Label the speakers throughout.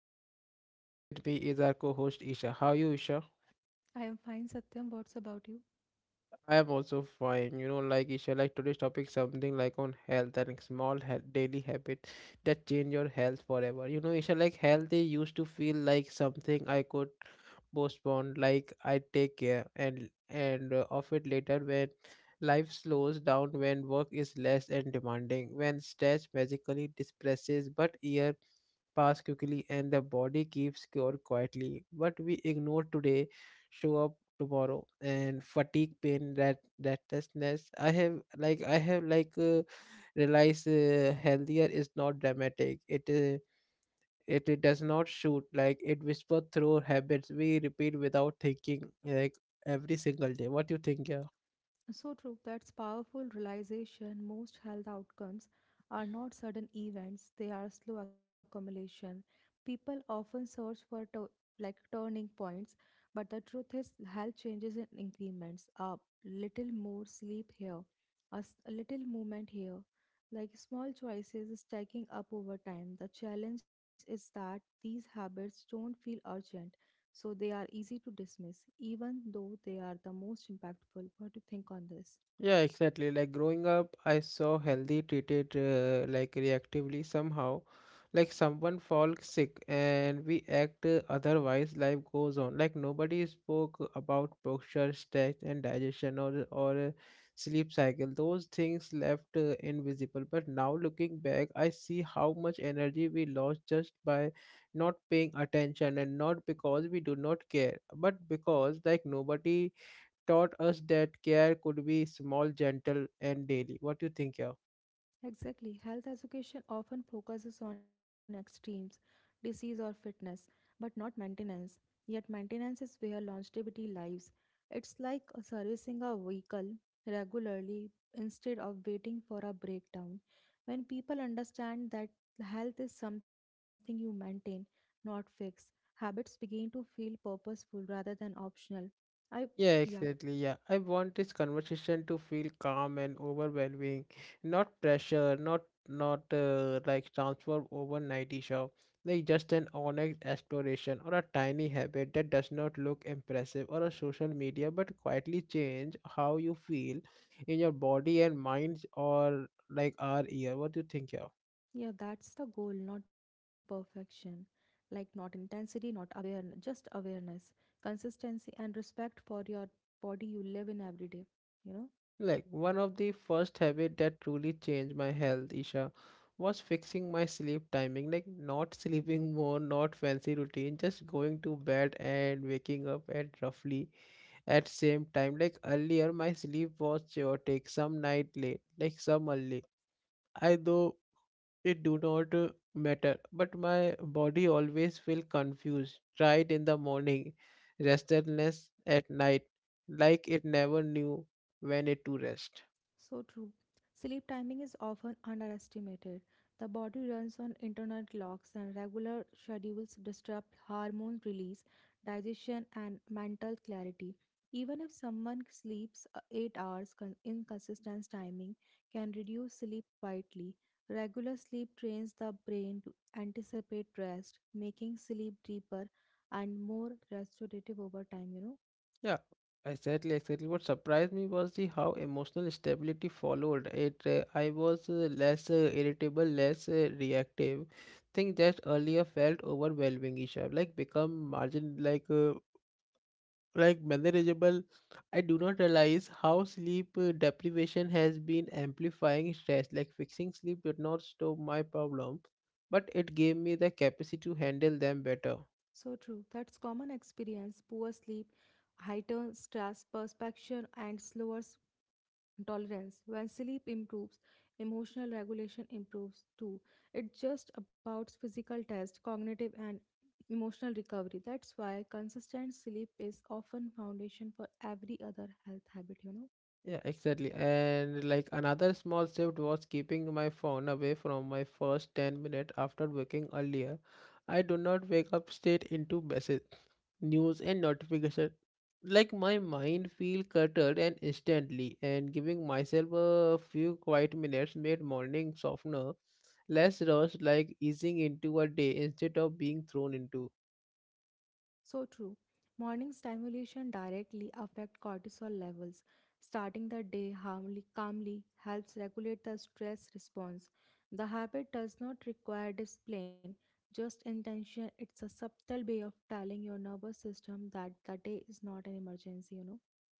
Speaker 1: your host Satyam and with me is our co-host Isha. How are you, Isha?
Speaker 2: I am fine, Satyam. What's about you?
Speaker 1: I am also fine. You know, like Isha, like today's topic something like on health and small daily habits that change your health forever. You know, Isha, like health it used to feel like something I could postpone, like I take care and of it later when life slows down, when work is less and demanding, when stress magically disperses, but year pass quickly and the body keeps score quietly. What we ignore today show up tomorrow and fatigue pain that restlessness I have realized healthier is not dramatic it does not shoot like it whispers through habits we repeat without thinking like every single day. What do you think? Yeah
Speaker 2: So true. That's powerful realization. Most health outcomes are not sudden events, they are slow accumulation. People often search for like turning points, but the truth is, health changes in increments. A little more sleep here, a little movement here. Like small choices stacking up over time. The challenge is that these habits don't feel urgent. So they are easy to dismiss, even though they are the most impactful. What do you think on this?
Speaker 1: Yeah, exactly. Like growing up, I saw healthy treated like reactively somehow. Like someone falls sick and we act otherwise, life goes on. Like nobody spoke about posture, stretch, and digestion or sleep cycle. Those things left invisible. But now looking back, I see how much energy we lost just by not paying attention and not because we do not care, but because like nobody taught us that care could be small, gentle, and daily. What do you think, yeah?
Speaker 2: Exactly. Health education often focuses on extremes, disease or fitness, but not maintenance. Yet, maintenance is where longevity lies. It's like servicing a vehicle regularly instead of waiting for a breakdown. When people understand that health is something you maintain, not fix, habits begin to feel purposeful rather than optional. I,
Speaker 1: Yeah,
Speaker 2: yeah.
Speaker 1: exactly. Yeah, I want this conversation to feel calm and overwhelming, not pressure, not like transform overnight show, like just an honest exploration or a tiny habit that does not look impressive or a social media, but quietly change how you feel in your body and mind or like our ear. What do you think, yeah?
Speaker 2: Yeah, that's the goal, not perfection. Like, not intensity, not awareness, just awareness, consistency, and respect for your body you live in every day, you know?
Speaker 1: Like one of the first habit that truly changed my health, Isha, was fixing my sleep timing. Like not sleeping more, not fancy routine, just going to bed and waking up at roughly at same time. Like earlier, my sleep was chaotic, some night late, like some early. I though it do not matter, but my body always feel confused, tired in the morning, restlessness at night, like it never knew when it to rest.
Speaker 2: So true. Sleep timing is often underestimated. The body runs on internal clocks, and regular schedules disrupt hormone release, digestion, and mental clarity. Even if someone sleeps 8 hours, inconsistent timing can reduce sleep quietly. Regular sleep trains the brain to anticipate rest, making sleep deeper and more restorative over time.
Speaker 1: Yeah, exactly. What surprised me was the how emotional stability followed it. I was less irritable, less reactive. Thing that earlier felt overwhelming, Isha. Like become margin, like manageable. I do not realize how sleep deprivation has been amplifying stress. Like fixing sleep did not stop my problem, but it gave me the capacity to handle them better.
Speaker 2: So true. That's common experience. Poor sleep, heightened stress, perception, and slower tolerance. When sleep improves, emotional regulation improves too. It's just about physical test, cognitive and emotional recovery. That's why consistent sleep is often foundation for every other health habit.
Speaker 1: Yeah, exactly. And like another small shift was keeping my phone away from my first 10 minutes after waking earlier. I do not wake up straight into message, news and notification. Like my mind feel cluttered and instantly and giving myself a few quiet minutes made morning softener, less rushed, like easing into a day instead of being thrown into.
Speaker 2: So true. Morning stimulation directly affect cortisol levels. Starting the day harmly, calmly helps regulate the stress response. The habit does not require discipline, just intention. It's a subtle way of telling your nervous system that the day is not an emergency.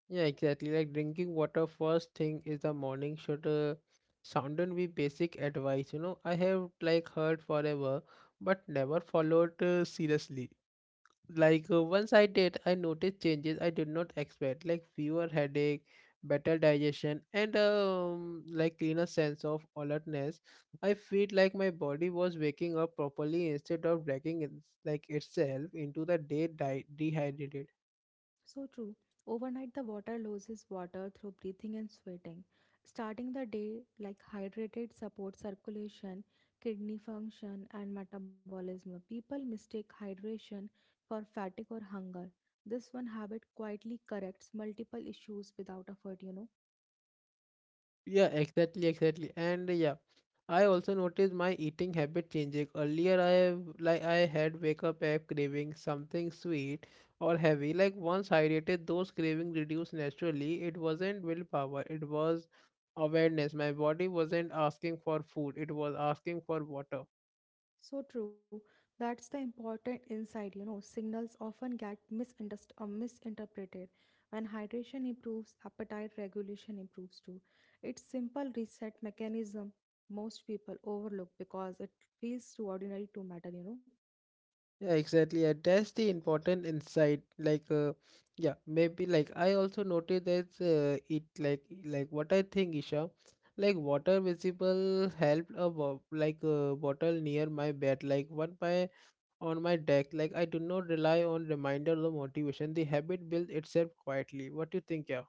Speaker 1: Yeah, exactly. Like drinking water first thing is the morning should sounded be basic advice. You know, I have like heard forever, but never followed seriously. Like once I did, I noticed changes I did not expect, like fewer headache, better digestion, and like cleaner sense of alertness. I feel like my body was waking up properly instead of dragging it, like itself into the day dehydrated.
Speaker 2: So true. Overnight, the water loses water through breathing and sweating. Starting the day like hydrated supports circulation, kidney function, and metabolism. People mistake hydration for fatigue or hunger. This one habit quietly corrects multiple issues without effort.
Speaker 1: Yeah, exactly. And yeah, I also noticed my eating habit changing. Earlier, I have like I had wake up app craving something sweet or heavy. Like once hydrated, those cravings reduced naturally. It wasn't willpower, it was awareness. My body wasn't asking for food, it was asking for water.
Speaker 2: So true. That's the important insight. Signals often get misunderstood or misinterpreted. When hydration improves, appetite regulation improves too. It's simple reset mechanism most people overlook because it feels too ordinary to matter.
Speaker 1: Yeah, exactly. And that's the important insight. Maybe I also noticed that it like what I think, Isha, like water visible helped like a bottle near my bed, like one by on my deck. Like I do not rely on reminder or motivation. The habit builds itself quietly. What do you think, yeah?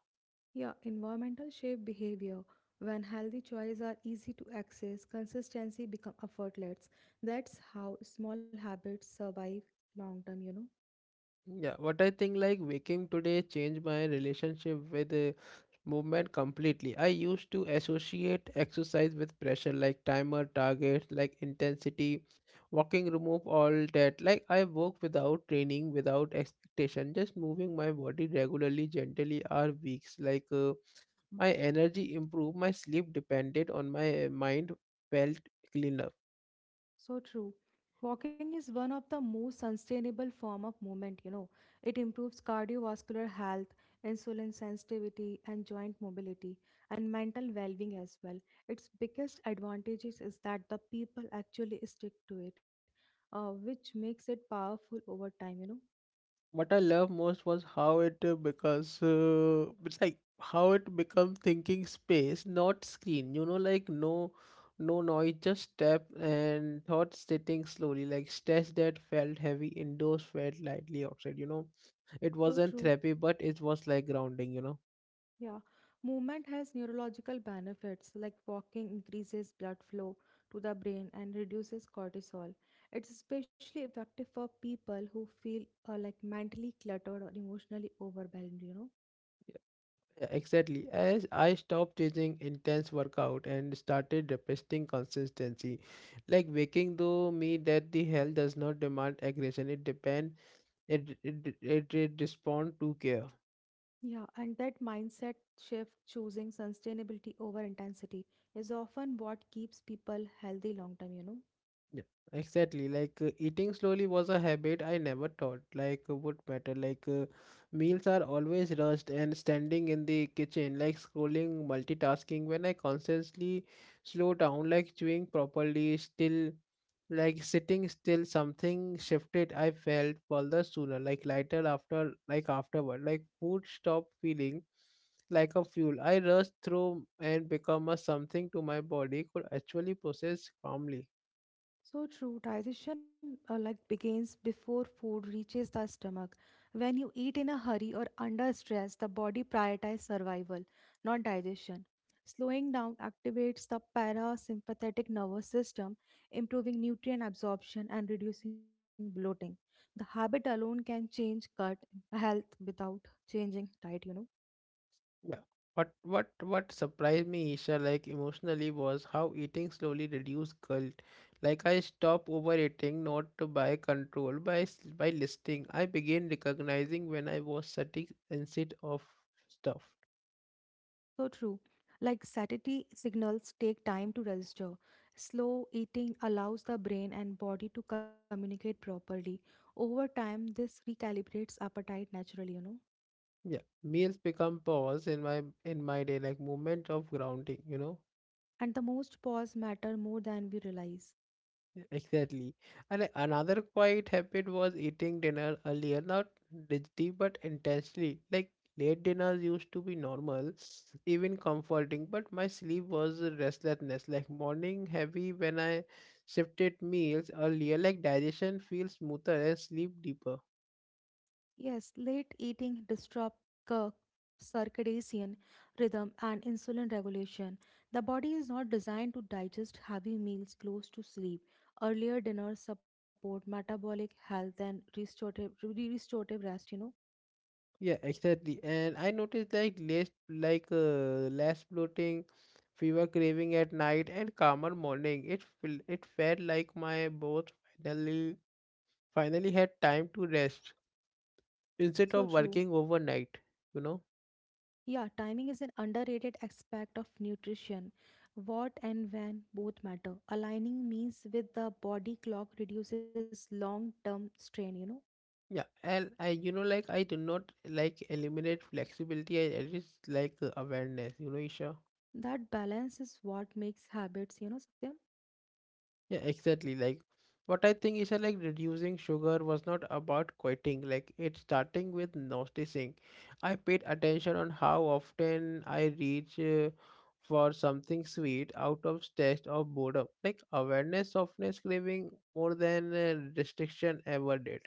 Speaker 2: Yeah, environmental shape behavior. When healthy choices are easy to access, consistency become effortless. That's how small habits survive long term.
Speaker 1: Yeah, what I think like waking today changed my relationship with movement completely. I used to associate exercise with pressure like timer, targets, like intensity. Walking remove all that. Like I work without training, without expectation, just moving my body regularly, gently or weeks. My energy improved, my sleep depended on my mind felt cleaner.
Speaker 2: So true. Walking is one of the most sustainable form of movement. It improves cardiovascular health, insulin sensitivity and joint mobility and mental well-being as well. Its biggest advantages is that the people actually stick to it, which makes it powerful over time.
Speaker 1: What I love most was how it's like how it become thinking space, not screen. You know, like no noise, just step and thoughts sitting slowly, like stress that felt heavy indoors felt lightly outside. You know, it
Speaker 2: So
Speaker 1: wasn't
Speaker 2: true.
Speaker 1: therapy, but it was like grounding, you know.
Speaker 2: Yeah, movement has neurological benefits like walking increases blood flow to the brain and reduces cortisol. It's especially effective for people who feel like mentally cluttered or emotionally overwhelmed.
Speaker 1: Yeah, exactly. As I stopped chasing intense workout and started requesting consistency, like waking though me that the health does not demand aggression, it depends. It respond to care.
Speaker 2: Yeah, and that mindset shift, choosing sustainability over intensity, is often what keeps people healthy long term.
Speaker 1: Yeah, exactly. Eating slowly was a habit I never thought would matter. Meals are always rushed and standing in the kitchen, like scrolling, multitasking. When I consciously slow down, like chewing properly, still like sitting still, something shifted. I felt further sooner, like lighter after, like afterward, like food stopped feeling like a fuel. I rushed through and become a something to my body could actually process calmly.
Speaker 2: So true. Digestion like begins before food reaches the stomach. When you eat in a hurry or under stress, the body prioritizes survival, not digestion. Slowing down activates the parasympathetic nervous system, improving nutrient absorption and reducing bloating. The habit alone can change gut health without changing diet.
Speaker 1: Yeah. What surprised me, Isha, like emotionally was how eating slowly reduced guilt. Like I stopped overeating, not by control, by listing. I began recognizing when I was sitting instead of stuff.
Speaker 2: So true. Like satiety signals take time to register. Slow eating allows the brain and body to communicate properly. Over time, this recalibrates appetite naturally.
Speaker 1: Yeah. Meals become pause in my day, like moment of grounding, you know.
Speaker 2: And the most pause matter more than we realize.
Speaker 1: Yeah, exactly. And another quiet habit was eating dinner earlier, not digitally but intentionally. Like late dinners used to be normal, even comforting, but my sleep was a restlessness, like morning heavy when I shifted meals earlier, like digestion feels smoother and sleep deeper.
Speaker 2: Yes, late eating disrupts circadian rhythm and insulin regulation. The body is not designed to digest heavy meals close to sleep. Earlier dinners support metabolic health and restorative, restorative rest.
Speaker 1: Yeah, exactly. And I noticed like less less bloating, fever craving at night and calmer morning. It felt like my both finally finally had time to rest
Speaker 2: So
Speaker 1: instead of
Speaker 2: true.
Speaker 1: working overnight, you know.
Speaker 2: Yeah, timing is an underrated aspect of nutrition. What and when both matter. Aligning meals with the body clock reduces long term strain.
Speaker 1: Yeah, and I, you know, like I do not like eliminate flexibility, I just like awareness, you know, Isha.
Speaker 2: That balance is what makes habits, Satyam.
Speaker 1: Yeah, exactly. Like what I think, Isha, like reducing sugar was not about quitting, like it's starting with noticing. I paid attention on how often I reach for something sweet out of taste of boredom, like awareness softness craving more than restriction ever did.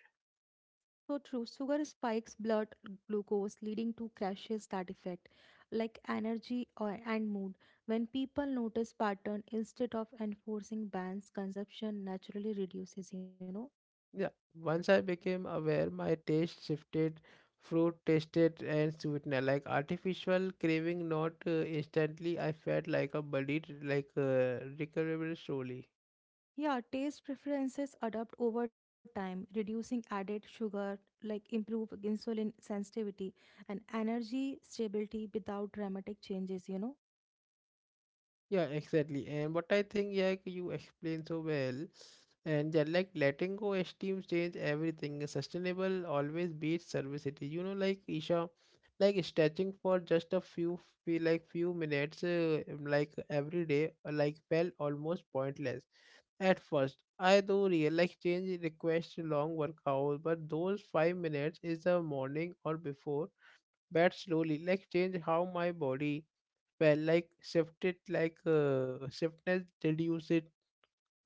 Speaker 2: So true. Sugar spikes blood glucose, leading to crashes that affect, like energy or and mood. When people notice pattern instead of enforcing bans, consumption naturally reduces.
Speaker 1: Yeah, once I became aware, my taste shifted. Fruit tasted and sweetener, like artificial craving, not instantly. I felt like a body, recovered slowly.
Speaker 2: Yeah, taste preferences adapt over time, reducing added sugar, like improve insulin sensitivity and energy stability without dramatic changes.
Speaker 1: Yeah, exactly. And what I think, yeah, you explain so well. And yeah, like letting go esteems change everything. Sustainable always beats servicity. You know, like Isha, like stretching for just a few, feel like few minutes, like every day, like felt almost pointless at first. I do real like change request long workout, but those 5 minutes is the morning or before bed slowly. Like change how my body well, shiftness, reduce it.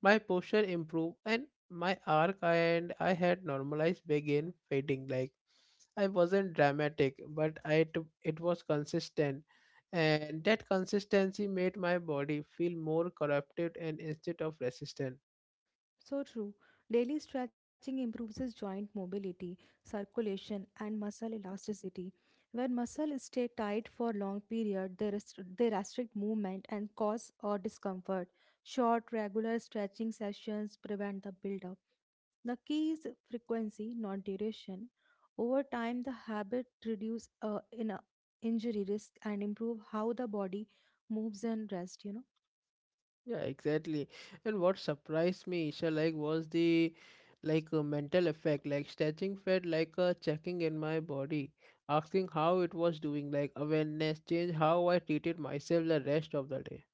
Speaker 1: My posture improved, and my arc and I had normalized began fading. Like I wasn't dramatic, but it was consistent, and that consistency made my body feel more corrupted and instead of resistant.
Speaker 2: So true. Daily stretching improves his joint mobility, circulation, and muscle elasticity. When muscles stay tight for long period, they restrict movement and cause or discomfort. Short, regular stretching sessions prevent the buildup. The key is frequency, not duration. Over time, the habit reduce in injury risk and improve how the body moves and rest.
Speaker 1: Yeah, exactly. And what surprised me, Isha, like was the like a mental effect. Like stretching felt like a checking in my body, asking how it was doing. Like awareness changed how I treated myself the rest of the day.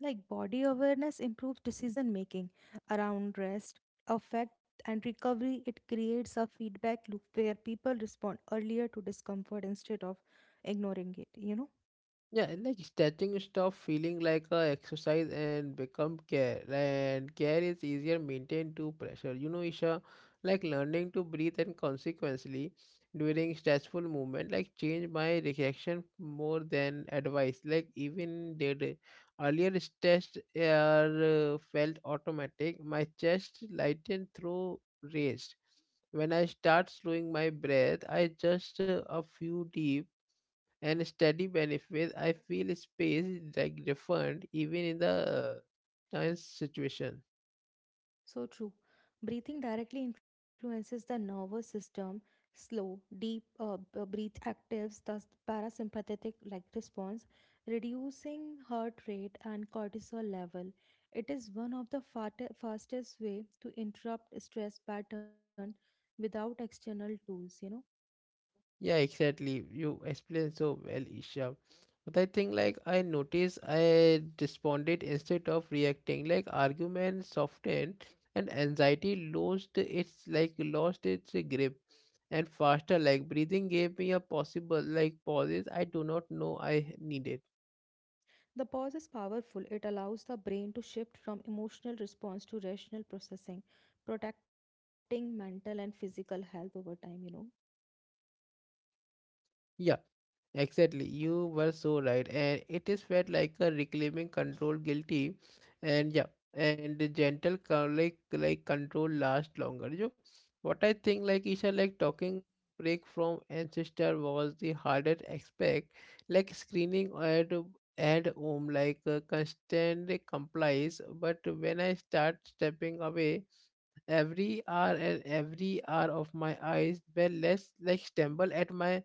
Speaker 2: Like body awareness improves decision making around rest, affect, and recovery. It creates a feedback loop where people respond earlier to discomfort instead of ignoring it.
Speaker 1: Yeah, like stretching stop feeling like a exercise and become care. And care is easier maintained to pressure. You know, Isha, like learning to breathe and consequently during stressful movement, like change my reaction more than advice. Like even did earlier stress felt automatic. My chest lightened through raised. When I start slowing my breath, I just a few deep and steady benefits, I feel space is like different even in the science situation.
Speaker 2: So true. Breathing directly influences the nervous system. Slow, deep breath actives the parasympathetic like response, reducing heart rate and cortisol level. It is one of the fastest way to interrupt stress pattern without external tools.
Speaker 1: Yeah, exactly. You explained so well, Isha. But I think like I noticed I responded instead of reacting. Like argument softened and anxiety lost its grip and faster. Like breathing gave me a possible like pauses I do not know I needed.
Speaker 2: The pause is powerful. It allows the brain to shift from emotional response to rational processing, protecting mental and physical health over time.
Speaker 1: Yeah, exactly. You were so right. And it is felt like a reclaiming control guilty. And yeah, and the gentle control lasts longer. You what I think like Isha like talking break from ancestor was the hardest aspect like screening at home, like constant complies, but when I start stepping away every hour and every hour of my eyes were less like stumble at my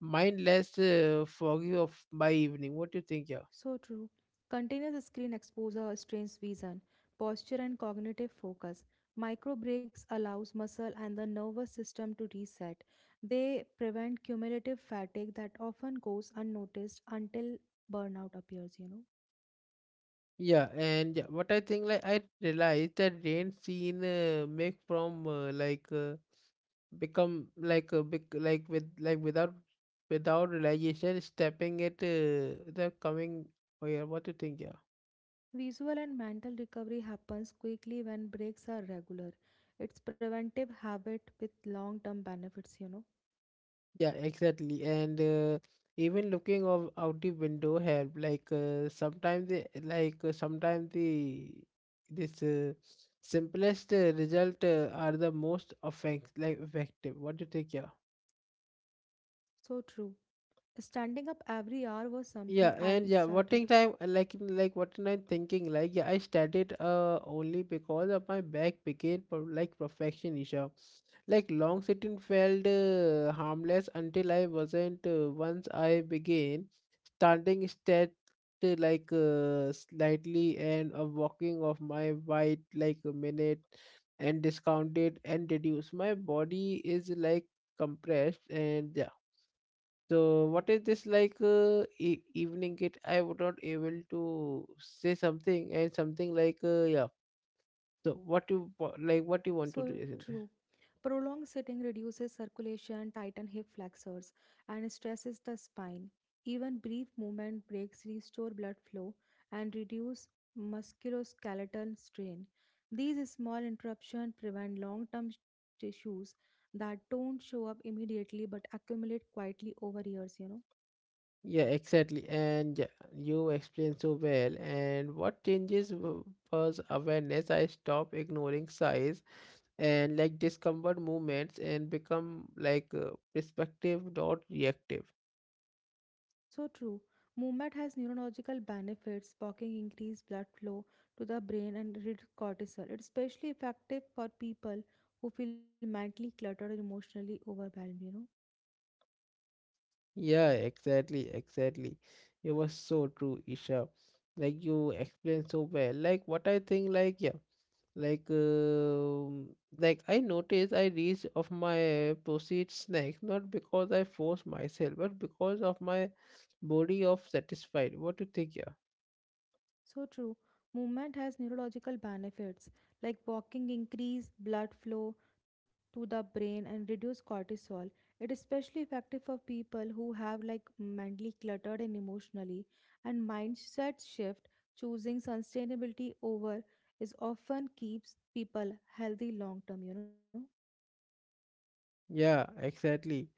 Speaker 1: mindless foggy of my evening. What do you think, yeah?
Speaker 2: So true. Continuous screen exposure strains vision, posture and cognitive focus. Micro breaks allows muscle and the nervous system to reset. They prevent cumulative fatigue that often goes unnoticed until burnout appears.
Speaker 1: Yeah, and yeah, what I think, like I realized that rain scene make from like become like a big like with like without realization stepping it the coming. Oh yeah, what do you think, yeah?
Speaker 2: Visual and mental recovery happens quickly when breaks are regular. It's preventive habit with long-term benefits.
Speaker 1: Yeah, exactly. And even looking of out the window help. Like sometimes the like sometimes the this simplest result are the most effective. What do you think? Yeah.
Speaker 2: So true. Standing up every hour was something
Speaker 1: Yeah,
Speaker 2: I
Speaker 1: and yeah,
Speaker 2: started.
Speaker 1: working time, like like what am I thinking? Like, yeah, I started only because of my back became pro like perfection issue. Like long sitting felt harmless until I wasn't. Once I began standing straight, like slightly, and walking of my white like a minute, and discounted and reduced. My body is like compressed and yeah, so what is this like evening kit? I was not able to say something and something like yeah. So what like what you want to
Speaker 2: So
Speaker 1: do,
Speaker 2: true.
Speaker 1: isn't it?
Speaker 2: Prolonged sitting reduces circulation, tightens hip flexors, and stresses the spine. Even brief movement breaks restore blood flow and reduce musculoskeletal strain. These small interruptions prevent long-term tissues that don't show up immediately but accumulate quietly over years.
Speaker 1: Yeah, exactly. And yeah, you explained so well. And what changes was awareness. I stopped ignoring size and like discomfort movements and become like perspective, not reactive.
Speaker 2: So true. Movement has neurological benefits. Walking increases blood flow to the brain and reduces cortisol. It's especially effective for people who feel mentally cluttered and emotionally overwhelmed.
Speaker 1: Yeah, exactly, exactly. It was so true, Isha. Like you explained so well. Like what I think, like yeah, like um like I noticed I reach of my proceed snacks not because I force myself, but because of my body of satisfied. What do you think, yeah?
Speaker 2: So true. Movement has neurological benefits like walking increase blood flow to the brain and reduce cortisol. It is especially effective for people who have like mentally cluttered and emotionally and mindset shift choosing sustainability over is often keeps people healthy long term.
Speaker 1: Yeah, exactly.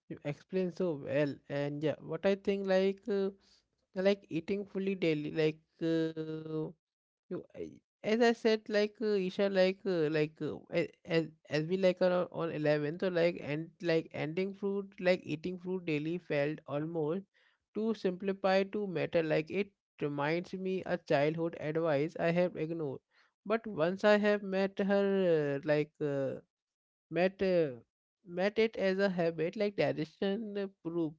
Speaker 1: You explain so well, and yeah, what I think like eating fully daily, like as I said, like Isha, like as we like are on 11, so like and like ending fruit, like eating fruit daily felt almost too simplified to matter. Like it reminds me a childhood advice I have ignored, but once I have met her, like. Met uh, met it as a habit like digestion proof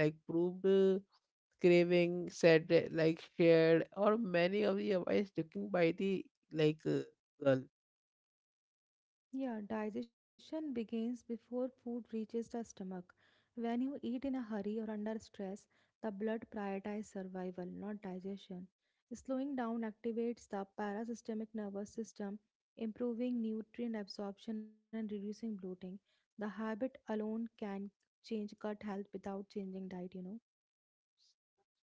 Speaker 1: like proved craving said like shared or many of the advice taken by the like girl.
Speaker 2: Yeah, digestion begins before food reaches the stomach. When you eat in a hurry or under stress, the blood prioritizes survival, not digestion. Slowing down activates the parasystemic nervous system, improving nutrient absorption and reducing bloating. The habit alone can change gut health without changing diet.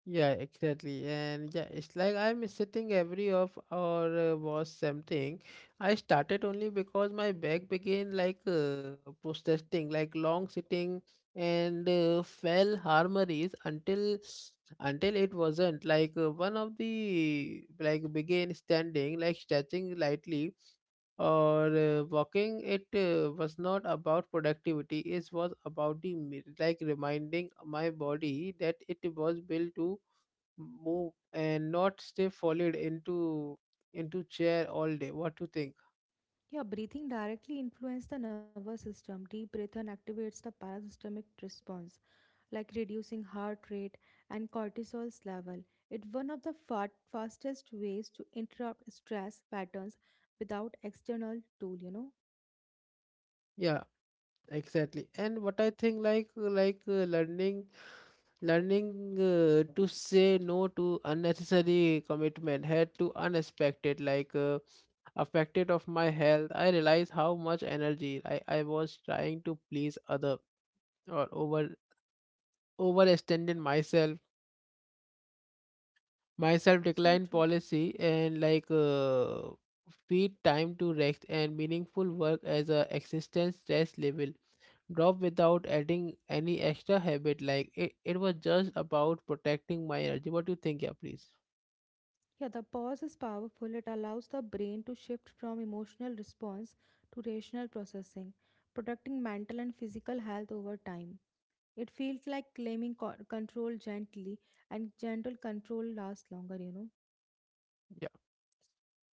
Speaker 1: Yeah, exactly. And yeah, it's like I'm sitting every of or was something. I started only because my back began like protesting, like long sitting and fell harmonies until it wasn't like one of the like began standing, like stretching lightly or walking. It was not about productivity. It was about the like reminding my body that it was built to move and not stay folded into chair all day. What you think?
Speaker 2: Yeah, breathing directly influences the nervous system. Deep breathing activates the parasystemic response, like reducing heart rate and cortisol's level. It's one of the fastest ways to interrupt stress patterns without external tool.
Speaker 1: Yeah, exactly, and what I think like learning to say no to unnecessary commitment had to unexpected like affected of my health. I realized how much energy I was trying to please other or overextended myself, my
Speaker 2: So
Speaker 1: self-decline
Speaker 2: true.
Speaker 1: policy and like feed time to rest and meaningful work as a existence stress level drop without adding any extra habit like it was just about protecting my energy. What do you think? Yeah, please.
Speaker 2: Yeah, the pause is powerful. It allows the brain to shift from emotional response to rational processing, protecting mental and physical health over time. It feels like claiming control gently, and gentle control lasts longer.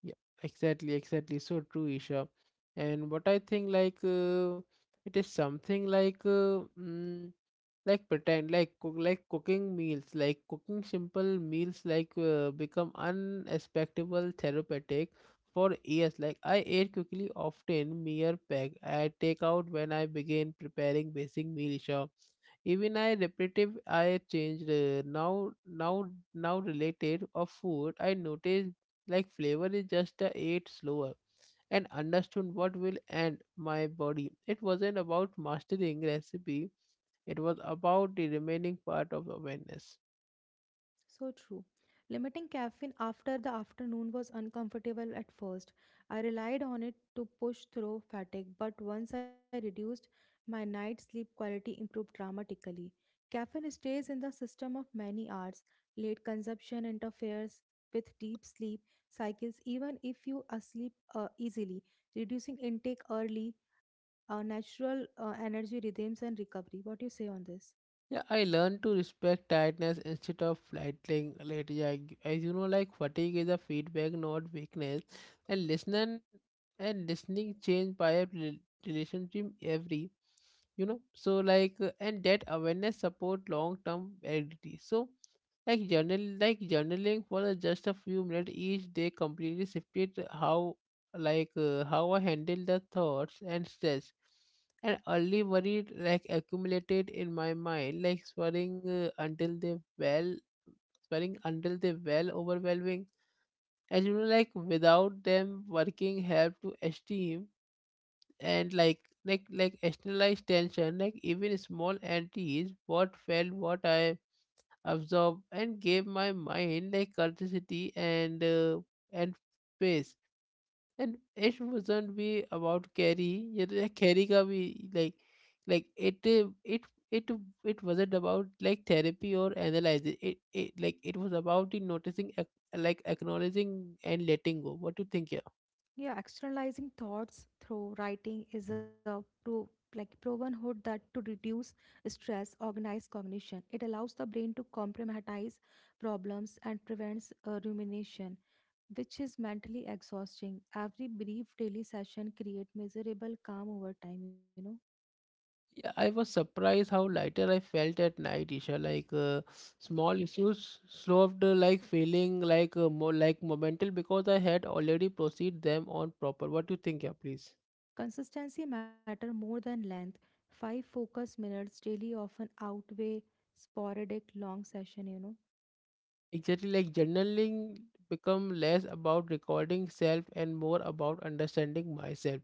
Speaker 1: Yeah, exactly, exactly. So true, Isha. And what I think, like, it is something like, like like cooking meals, like cooking simple meals, like, become unexpectable therapeutic for years. Like, I ate quickly, often mere pack. I take out when I begin preparing basic meal, Isha. Even I repetitive I changed now related of food I notice like flavor is just a ate slower and understood what will end my body. It wasn't about mastering recipe, it was about the remaining part of awareness.
Speaker 2: So true. Limiting caffeine after the afternoon was uncomfortable at first. I relied on it to push through fatigue, but once I reduced, my night sleep quality improved dramatically. Caffeine stays in the system of many hours. Late consumption interferes with deep sleep cycles, even if you asleep easily. Reducing intake early, natural energy rhythms and recovery. What do you say on this?
Speaker 1: Yeah, I learned to respect tiredness instead of fighting later. Yeah, as you know, like fatigue is a feedback, not weakness. And listening change by a relationship every, you know, so like and that awareness support long term validity. So like journaling for the just a few minutes each day completely shifted how, like, how I handle the thoughts and stress, and early worried like accumulated in my mind like swearing until they well swearing until they well overwhelming, as you know, like without them working help to esteem and like externalize tension, like even small entities what felt what I absorb and gave my mind like culticity, and and space. And it wasn't be about carry, yeah, like carry ka bhi, like like it it wasn't about like therapy or analyzing it like it was about the noticing like acknowledging and letting go. What do you think, yeah?
Speaker 2: Yeah, externalizing thoughts through writing is a like proven hood that to reduce stress, organize cognition. It allows the brain to compartmentalize problems and prevents rumination, which is mentally exhausting. Every brief daily session create measurable calm over time.
Speaker 1: Yeah, I was surprised how lighter I felt at night, Isha. Like small issues solved, like feeling like more like momental because I had already proceed them on proper. What do you think, yeah, please?
Speaker 2: Consistency matter more than length. 5 focus minutes daily often outweigh sporadic long session.
Speaker 1: Exactly, like journaling become less about recording self and more about understanding myself.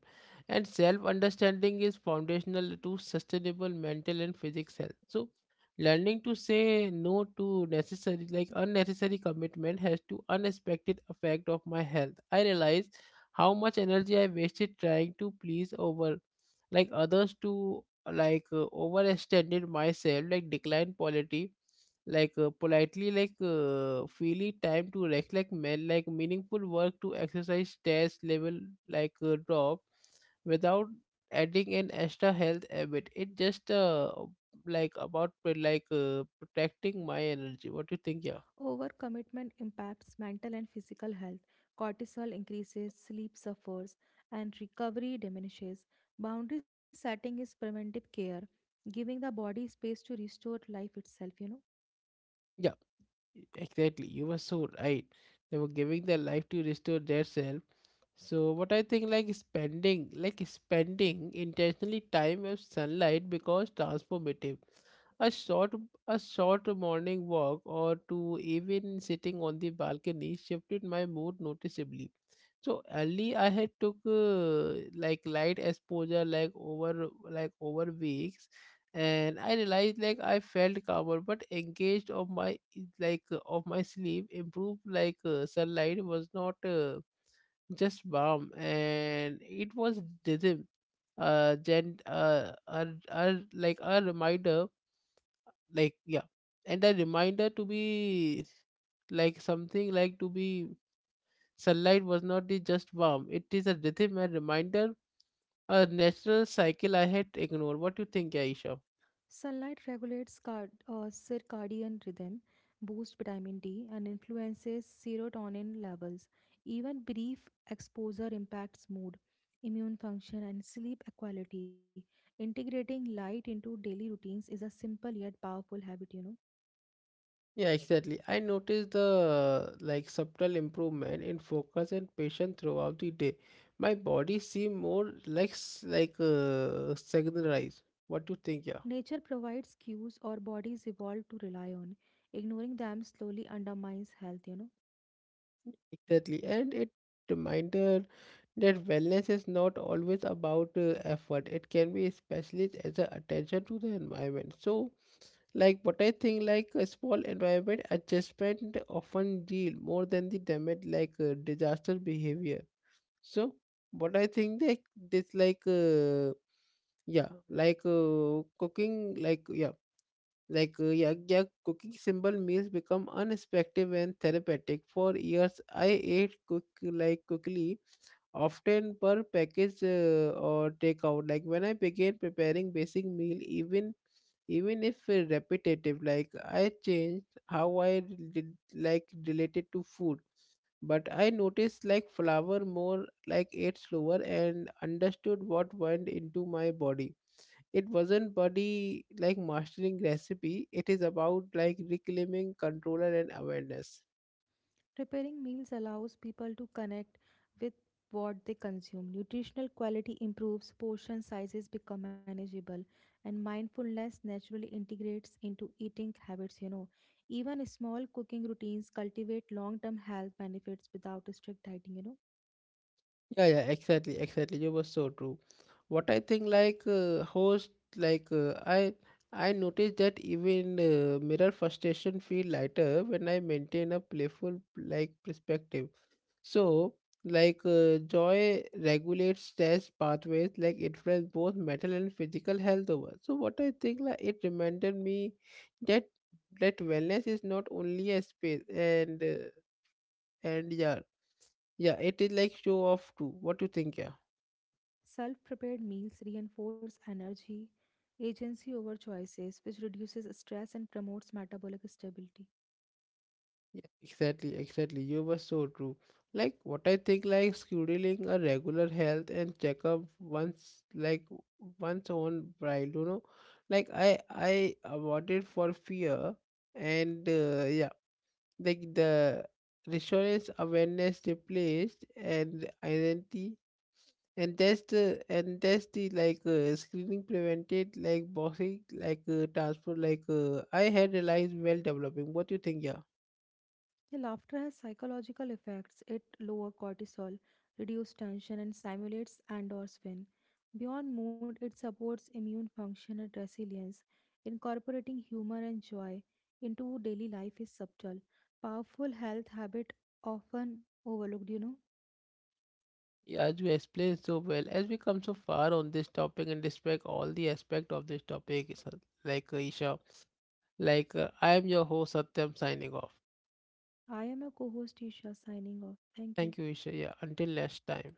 Speaker 1: And self understanding is foundational to sustainable mental and physical health. So learning to say no to necessary like unnecessary commitment has to unexpected effect of my health. I realize how much energy I wasted trying to please over like others to like overextended myself like decline quality like politely like freely time to rest like meaningful work to exercise stress level like drop without adding an extra health habit. It just like about like protecting my energy. What do you think, yeah?
Speaker 2: Overcommitment impacts mental and physical health. Cortisol increases, sleep suffers, and recovery diminishes. Boundary setting is preventive care, giving the body space to restore life itself.
Speaker 1: Yeah, exactly, you were so right. They were giving their life to restore their self. So what I think like spending intentionally time with sunlight because transformative. A short a short morning walk or to even sitting on the balcony shifted my mood noticeably. So early I had took like light exposure like over weeks and I realized like I felt calmer but engaged of my sleep improved like sunlight was not just warm and it was rhythm, gent a, like a reminder, like, yeah, and a reminder to be, like something, like to be. Sunlight was not the just warm, it is a rhythm and reminder, a natural cycle I had ignored. What do you think, Aisha?
Speaker 2: Sunlight regulates circadian rhythm, boosts vitamin D, and influences serotonin levels. Even brief exposure impacts mood, immune function, and sleep quality. Integrating light into daily routines is a simple yet powerful habit.
Speaker 1: Yeah, exactly. I noticed the like subtle improvement in focus and patience throughout the day. My body seemed more like like synchronized. What do you think? Yeah,
Speaker 2: Nature provides cues our bodies evolved to rely on. Ignoring them slowly undermines health.
Speaker 1: exactly. And it reminder that wellness is not always about effort. It can be especially as a attention to the environment. So, like what I think, like a small environment adjustment often deal more than the damage like disaster behavior. So, what I think that this like yeah, like cooking like yeah, yeah, cooking simple meals become unexpected and therapeutic. For years, I ate cook like quickly, often per package or takeout. Like when I began preparing basic meal, even if repetitive, like I changed how I did like related to food, but I noticed like flower more like ate slower and understood what went into my body. It wasn't body like mastering recipe. It is about like reclaiming controller and awareness.
Speaker 2: Preparing meals allows people to connect with what they consume. Nutritional quality improves, portion sizes become manageable, and mindfulness naturally integrates into eating habits. Even small cooking routines cultivate long term health benefits without strict dieting.
Speaker 1: Yeah, yeah, exactly, exactly. You were so true. What I think like host like I noticed that even mirror frustration feel lighter when I maintain a playful like perspective. So, like joy regulates stress pathways, like influence both mental and physical health over. So, what I think, like it reminded me that that wellness is not only a space and and yeah, yeah, it is like show off too. What do you think, yeah?
Speaker 2: Self prepared meals reinforce energy, agency over choices, which reduces stress and promotes metabolic stability.
Speaker 1: Yeah, exactly, exactly. You were so true. Like what I think, like scheduling a regular health and checkup once, like once on bride, you know, like I avoided for fear, and yeah, like the reassurance awareness replaced and identity. And that's the like screening prevented like bossy like transfer like I had realized well developing. What do you think? Yeah.
Speaker 2: Yeah, laughter has psychological effects. It lowers cortisol, reduces tension, and stimulates endorphin. Beyond mood, it supports immune function and resilience. Incorporating humor and joy into daily life is subtle, powerful health habit often overlooked.
Speaker 1: Yeah, as you explained so well, as we come so far on this topic and respect all the aspect of this topic, is, like Isha, like I am your host Satyam, signing off.
Speaker 2: I am your co-host Isha, signing off. Thank you.
Speaker 1: Thank you, Isha. Yeah, until next time.